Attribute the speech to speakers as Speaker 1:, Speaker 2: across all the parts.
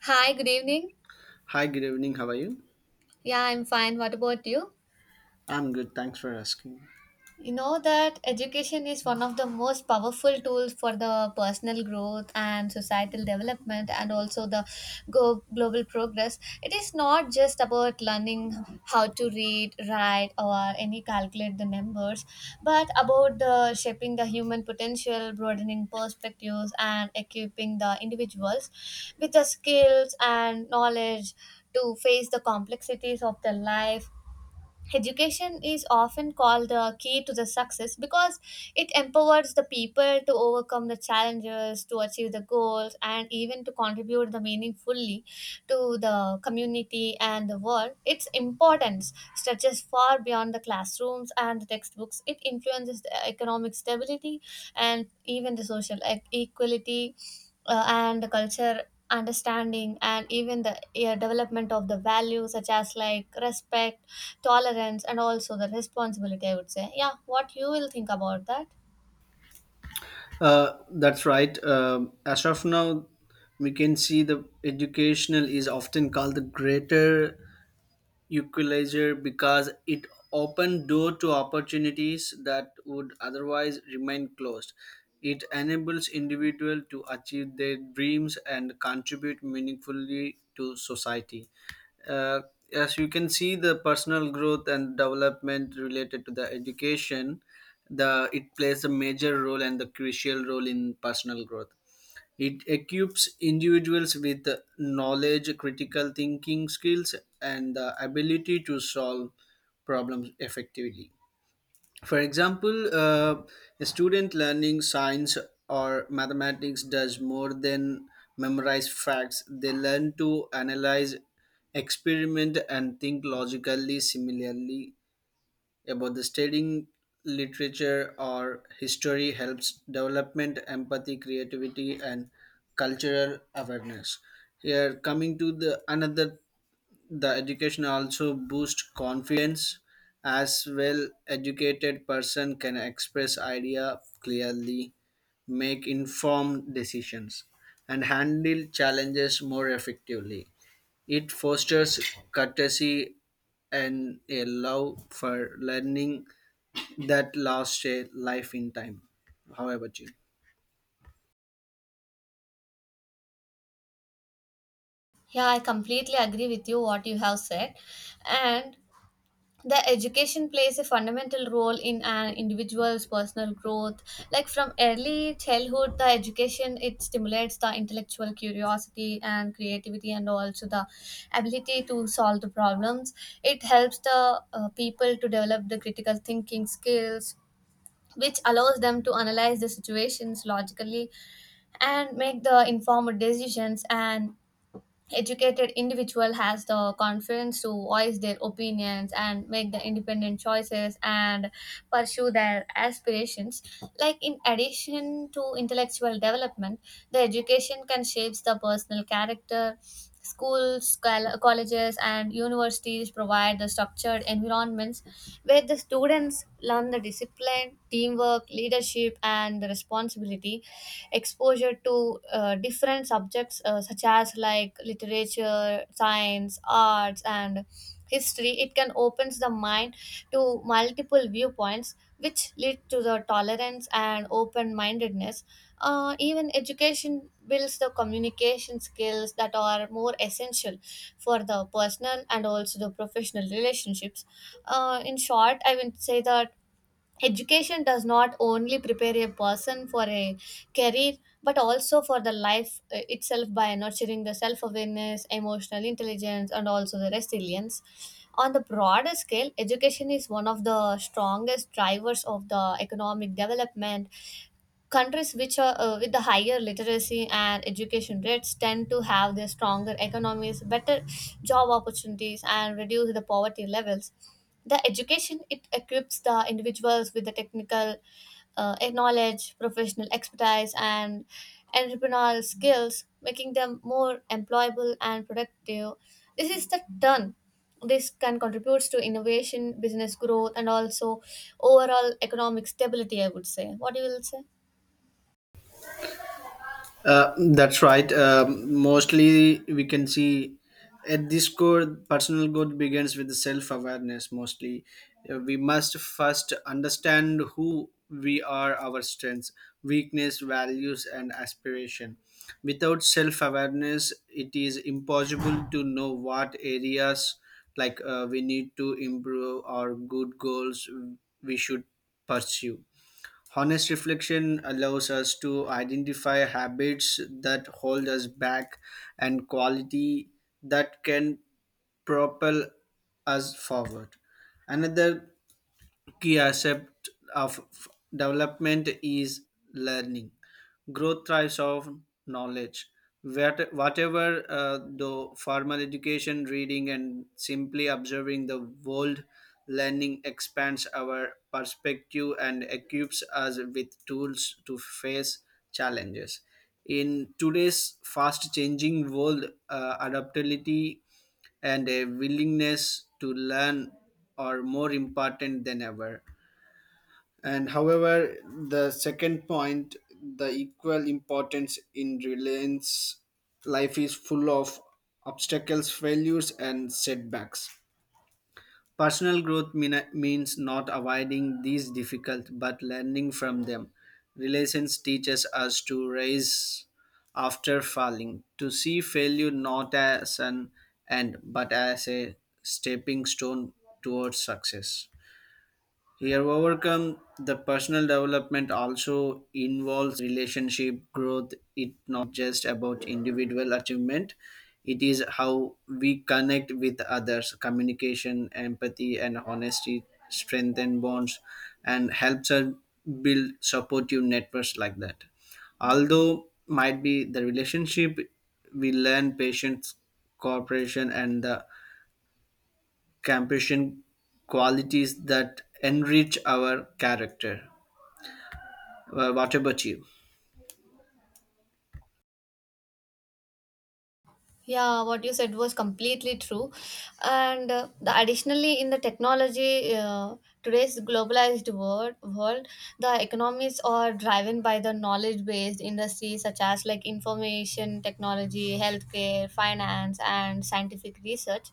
Speaker 1: Hi, good evening.
Speaker 2: Hi, good evening. How are you?
Speaker 1: Yeah, I'm fine. What about you?
Speaker 2: I'm good. Thanks for asking.
Speaker 1: You know that education is one of the most powerful tools for the personal growth and societal development and also the global progress. It is not just about learning how to read, write or any calculate the numbers, but about the shaping the human potential, broadening perspectives and equipping the individuals with the skills and knowledge to face the complexities of their life. Education is often called the key to the success because it empowers the people to overcome the challenges, to achieve the goals, and even to contribute the meaningfully to the community and the world. Its importance stretches far beyond the classrooms and the textbooks. It influences the economic stability and even the social equality, and the culture understanding, and even the development of the values such as like respect, tolerance and also the responsibility, I would say. Yeah, what you will think about that?
Speaker 2: That's right. As of now, we can see the educational is often called the greater equalizer because it opened door to opportunities that would otherwise remain closed. It enables individuals to achieve their dreams and contribute meaningfully to society. Uh, as you can see, the personal growth and development related to the education, the it plays a major role and the crucial role in personal growth. It equips individuals with knowledge, critical thinking skills, and the ability to solve problems effectively. For example, a student learning science or mathematics does more than memorize facts, they learn to analyze, experiment, and think logically. Similarly, about the studying literature or history helps development empathy creativity and cultural awareness here coming to the another the education also boost confidence as well educated person can express idea clearly make informed decisions and handle challenges more effectively it fosters courtesy and a love for learning that lasts a life in time. How about you?
Speaker 1: Yeah, I completely agree with you what you have said, and the education plays a fundamental role in an individual's personal growth. Like from early childhood, the education, it stimulates the intellectual curiosity and creativity and also the ability to solve the problems. It helps the people to develop the critical thinking skills, which allows them to analyze the situations logically and make the informed decisions, and educated individual has the confidence to voice their opinions and make the independent choices and pursue their aspirations. Like in addition to intellectual development, the education can shapes the personal character. Schools, colleges and universities provide the structured environments where the students learn the discipline, teamwork, leadership and the responsibility. Exposure to different subjects such as like literature, science, arts and history, it can opens the mind to multiple viewpoints, which lead to the tolerance and open mindedness. Even education builds the communication skills that are more essential for the personal and also the professional relationships. In short, I would say that education does not only prepare a person for a career, but also for the life itself by nurturing the self-awareness, emotional intelligence and also the resilience. On the broader scale, education is one of the strongest drivers of the economic development. Countries which are with the higher literacy and education rates tend to have their stronger economies, better job opportunities and reduce the poverty levels. The education, it equips the individuals with the technical knowledge, professional expertise and entrepreneurial skills, making them more employable and productive. This is the turn, this can contribute to innovation, business growth and also overall economic stability, I would say. What do you will say?
Speaker 2: That's right. Mostly, we can see at this core, personal growth begins with self awareness. Mostly, we must first understand who we are, our strengths, weakness, values, and aspiration. Without self awareness, it is impossible to know what areas like we need to improve or good goals we should pursue. Honest reflection allows us to identify habits that hold us back and quality that can propel us forward. Another key aspect of development is learning. Growth thrives on knowledge. Whatever the formal education, reading, and simply observing the world, learning expands our perspective and equips us with tools to face challenges. In today's fast changing world, adaptability and a willingness to learn are more important than ever. And however, the second point, the equal importance in reliance, life is full of obstacles, failures, and setbacks. Personal growth means not avoiding these difficult, but learning from them. Relations teaches us to rise after falling, to see failure not as an end, but as a stepping stone towards success. Here, overcome the personal development also involves relationship growth. It's not just about individual achievement, it is how we connect with others. Communication, empathy, and honesty strengthen bonds and helps us build supportive networks like that. Although, might be the relationship we learn patience, cooperation, and the Campasian qualities that enrich our character. What about you?
Speaker 1: Yeah, what you said was completely true. And the additionally, in the technology, uh, today's globalized world, the economies are driven by the knowledge-based industries such as like information technology, healthcare, finance, and scientific research.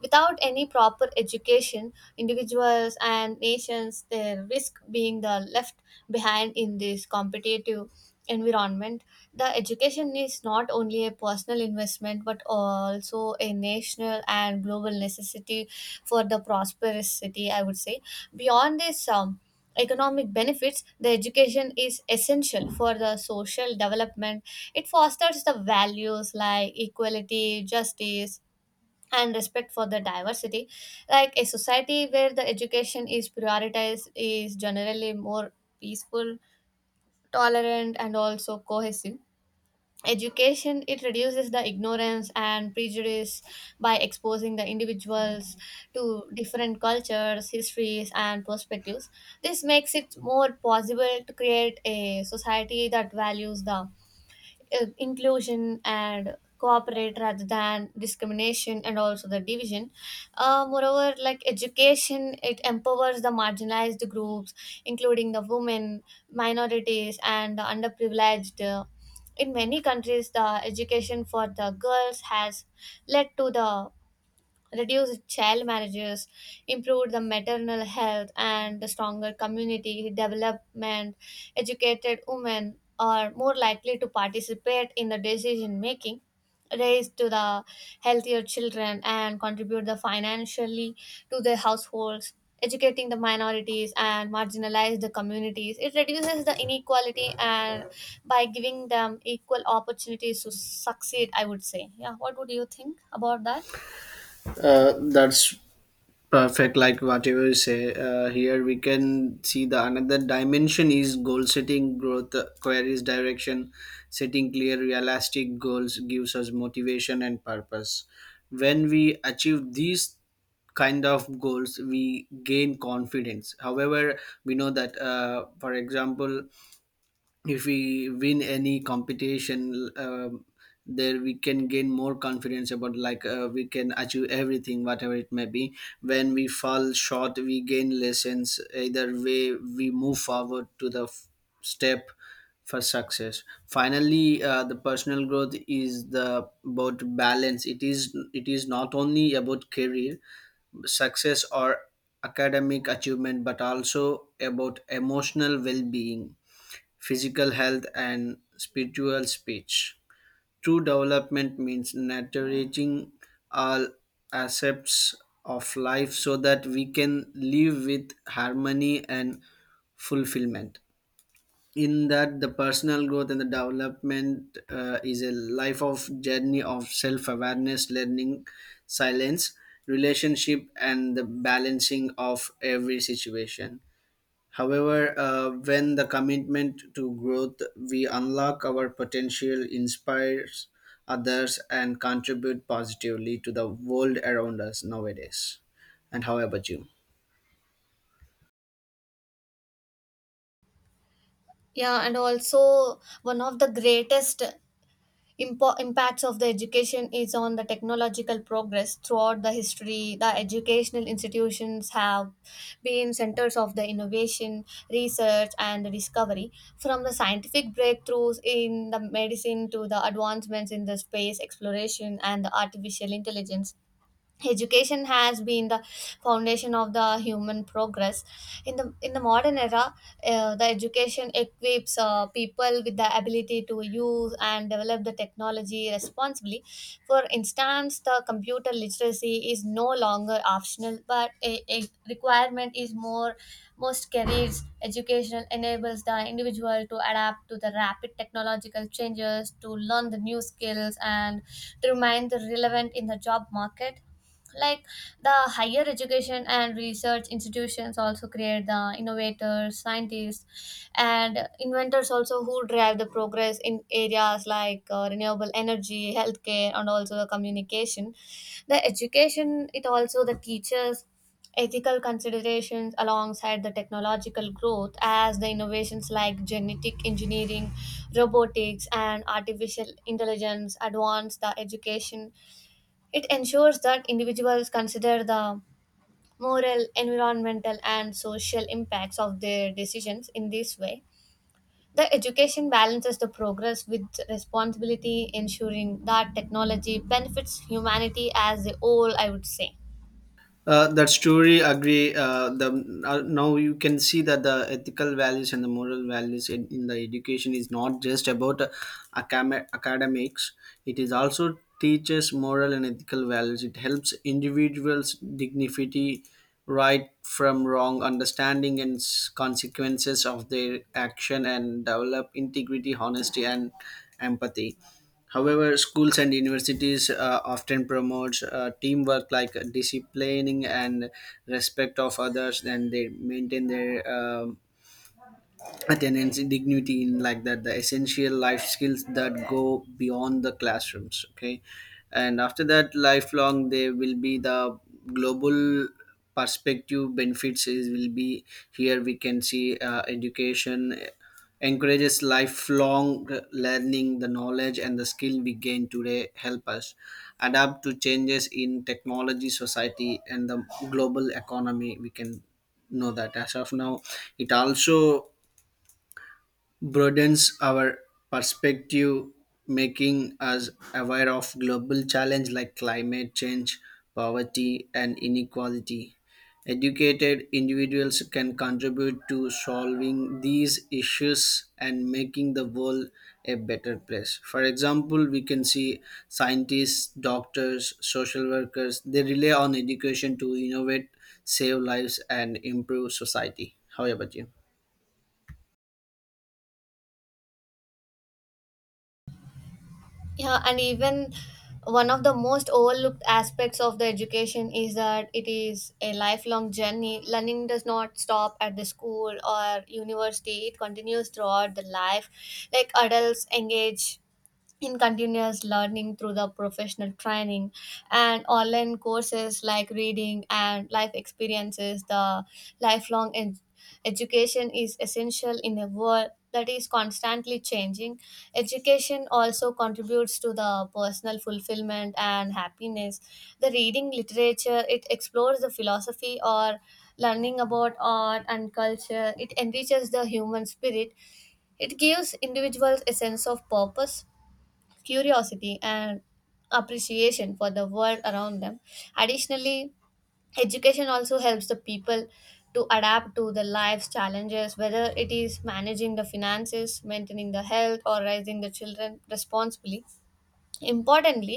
Speaker 1: Without any proper education, individuals and nations, they risk being the left behind in this competitive environment. The education is not only a personal investment but also a national and global necessity for the prosperous city, I would say. Beyond this, economic benefits, the education is essential for the social development. It fosters the values like equality, justice and respect for the diversity. Like a society where the education is prioritized is generally more peaceful, tolerant and also cohesive. Education, it reduces the ignorance and prejudice by exposing the individuals to different cultures, histories, and perspectives. This makes it more possible to create a society that values the inclusion and cooperate rather than discrimination and also the division. Moreover, like education, it empowers the marginalized groups, including the women, minorities and the underprivileged. In many countries, the education for the girls has led to the reduced child marriages, improved the maternal health and the stronger community development. Educated women are more likely to participate in the decision making, raised to the healthier children and contribute the financially to their households. Educating the minorities and marginalized the communities, it reduces the inequality and by giving them equal opportunities to succeed, I would say. Yeah, what would you think about that?
Speaker 2: That's perfect. Like whatever you say here, we can see the another dimension is goal setting, growth, queries, direction, setting clear, realistic goals gives us motivation and purpose. When we achieve these kind of goals, we gain confidence. However, we know that, for example, if we win any competition there we can gain more confidence about like we can achieve everything whatever it may be when we fall short we gain lessons either way we move forward to the step for success. Finally, the personal growth is the about balance, it is not only about career success or academic achievement but also about emotional well-being, physical health, and spiritual speech. True development means nurturing all aspects of life so that we can live with harmony and fulfillment. In that, the personal growth and the development is a life of journey of self awareness, learning, silence, relationship, and the balancing of every situation. However, when the commitment to growth, we unlock our potential, inspires others, and contribute positively to the world around us nowadays. And how about you?
Speaker 1: Yeah, and also one of the greatest impacts of the education is on the technological progress. Throughout the history, the educational institutions have been centers of the innovation, research, and discovery. From the scientific breakthroughs in the medicine to the advancements in the space exploration and the artificial intelligence, education has been the foundation of the human progress in the modern era. The education equips people with the ability to use and develop the technology responsibly. For instance, the computer literacy is no longer optional but a requirement is more most careers. Educational enables the individual to adapt to the rapid technological changes, to learn the new skills and to remain the relevant in the job market. Like the higher education and research institutions also create the innovators, scientists and inventors also who drive the progress in areas like renewable energy, healthcare and also the communication. The education, it also the teachers ethical considerations alongside the technological growth. As the innovations like genetic engineering, robotics and artificial intelligence advance, the education, it ensures that individuals consider the moral, environmental, and social impacts of their decisions. In this way, the education balances the progress with responsibility, ensuring that technology benefits humanity as a whole, I would say.
Speaker 2: That story agree. The Now you can see that the ethical values and the moral values in the education is not just about academics. It is also teaches moral and ethical values. It helps individuals dignity, right from wrong, understanding and consequences of their action, and develop integrity, honesty, and empathy. However, schools and universities often promotes teamwork like disciplining and respect of others and they maintain their attendance dignity in like that the essential life skills that go beyond the classrooms okay and after that lifelong there will be the global perspective benefits is will be here we can see education encourages lifelong learning the knowledge and the skill we gain today help us adapt to changes in technology society and the global economy we can know that as of now it also broadens our perspective, making us aware of global challenges like climate change, poverty, and inequality. Educated individuals can contribute to solving these issues and making the world a better place. For example, we can see scientists, doctors, social workers, they rely on education to innovate, save lives, and improve society. How about you?
Speaker 1: Yeah, and even one of the most overlooked aspects of the education is that it is a lifelong journey. Learning does not stop at the school or university, it continues throughout the life. Like adults engage in continuous learning through the professional training and online courses, like reading and life experiences. The lifelong education, education is essential in a world that is constantly changing. Education also contributes to the personal fulfillment and happiness. The reading literature, it explores the philosophy or learning about art and culture. It enriches the human spirit. It gives individuals a sense of purpose, curiosity, and appreciation for the world around them. Additionally, education also helps the people to adapt to the life's challenges, whether it is managing the finances, maintaining the health, or raising the children responsibly. Importantly,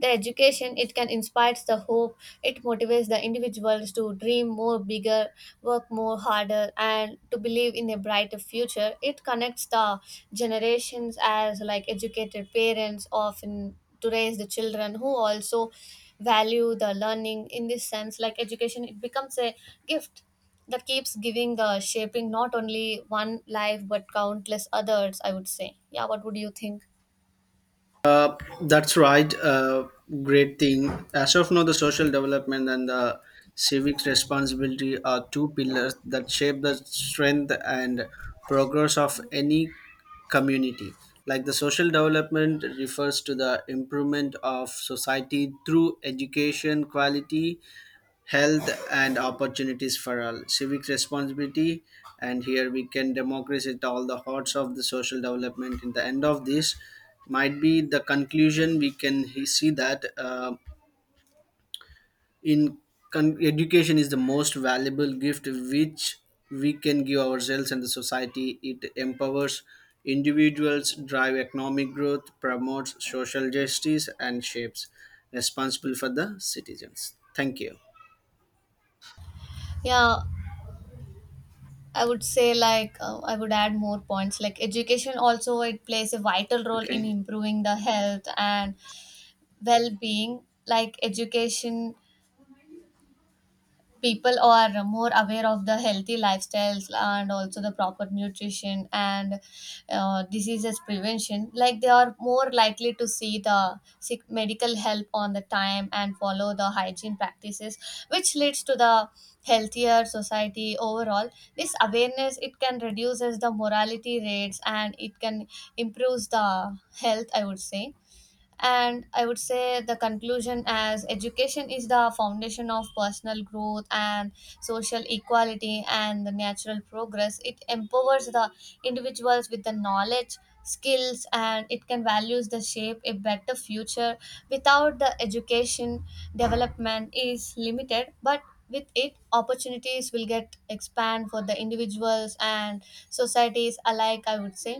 Speaker 1: the education, it can inspire the hope. It motivates the individuals to dream more bigger, work more harder and to believe in a brighter future. It connects the generations, as like educated parents often to raise the children who also value the learning. In this sense, like education, it becomes a gift that keeps giving the shaping not only one life but countless others, I would say. Yeah, what would you think?
Speaker 2: That's right. Great thing. As of now, the social development and the civic responsibility are two pillars that shape the strength and progress of any community. Like the social development refers to the improvement of society through education quality, health and opportunities for all, civic responsibility, and here we can democratize at all the hearts of the social development. In the end of this, might be the conclusion we can see that in education is the most valuable gift which we can give ourselves and the society. It empowers individuals, drive economic growth, promotes social justice, and shapes responsible for the citizens. Thank you.
Speaker 1: Yeah, I would say, like, I would add more points. Like education also, it plays a vital role in
Speaker 2: Okay.
Speaker 1: improving the health and well-being. Like education, people are more aware of the healthy lifestyles and also the proper nutrition and diseases prevention. Like they are more likely to see the sick medical help on the time and follow the hygiene practices, which leads to the healthier society overall. This awareness, it can reduces the mortality rates and it can improves the health, I would say. And I would say the conclusion, as education is the foundation of personal growth and social equality and the natural progress. It empowers the individuals with the knowledge, skills, and it can values the shape a better future. Without the education, development is limited, but with it, opportunities will get expand for the individuals and societies alike, I would say.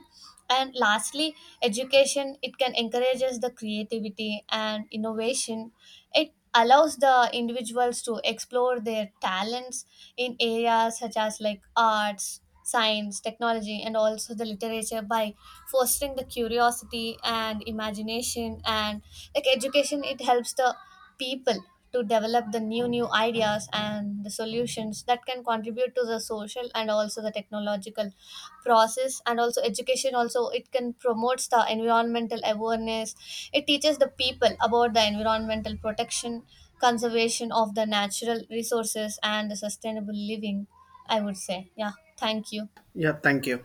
Speaker 1: And lastly, education, it can encourages the creativity and innovation. It allows the individuals to explore their talents in areas such as like arts, science, technology, and also the literature by fostering the curiosity and imagination. And like education, it helps the people to develop the new ideas and the solutions that can contribute to the social and also the technological process. And also education also, it can promotes the environmental awareness. It teaches the people about the environmental protection, conservation of the natural resources and the sustainable living, I would say. Yeah, thank you.
Speaker 2: Yeah. Thank you.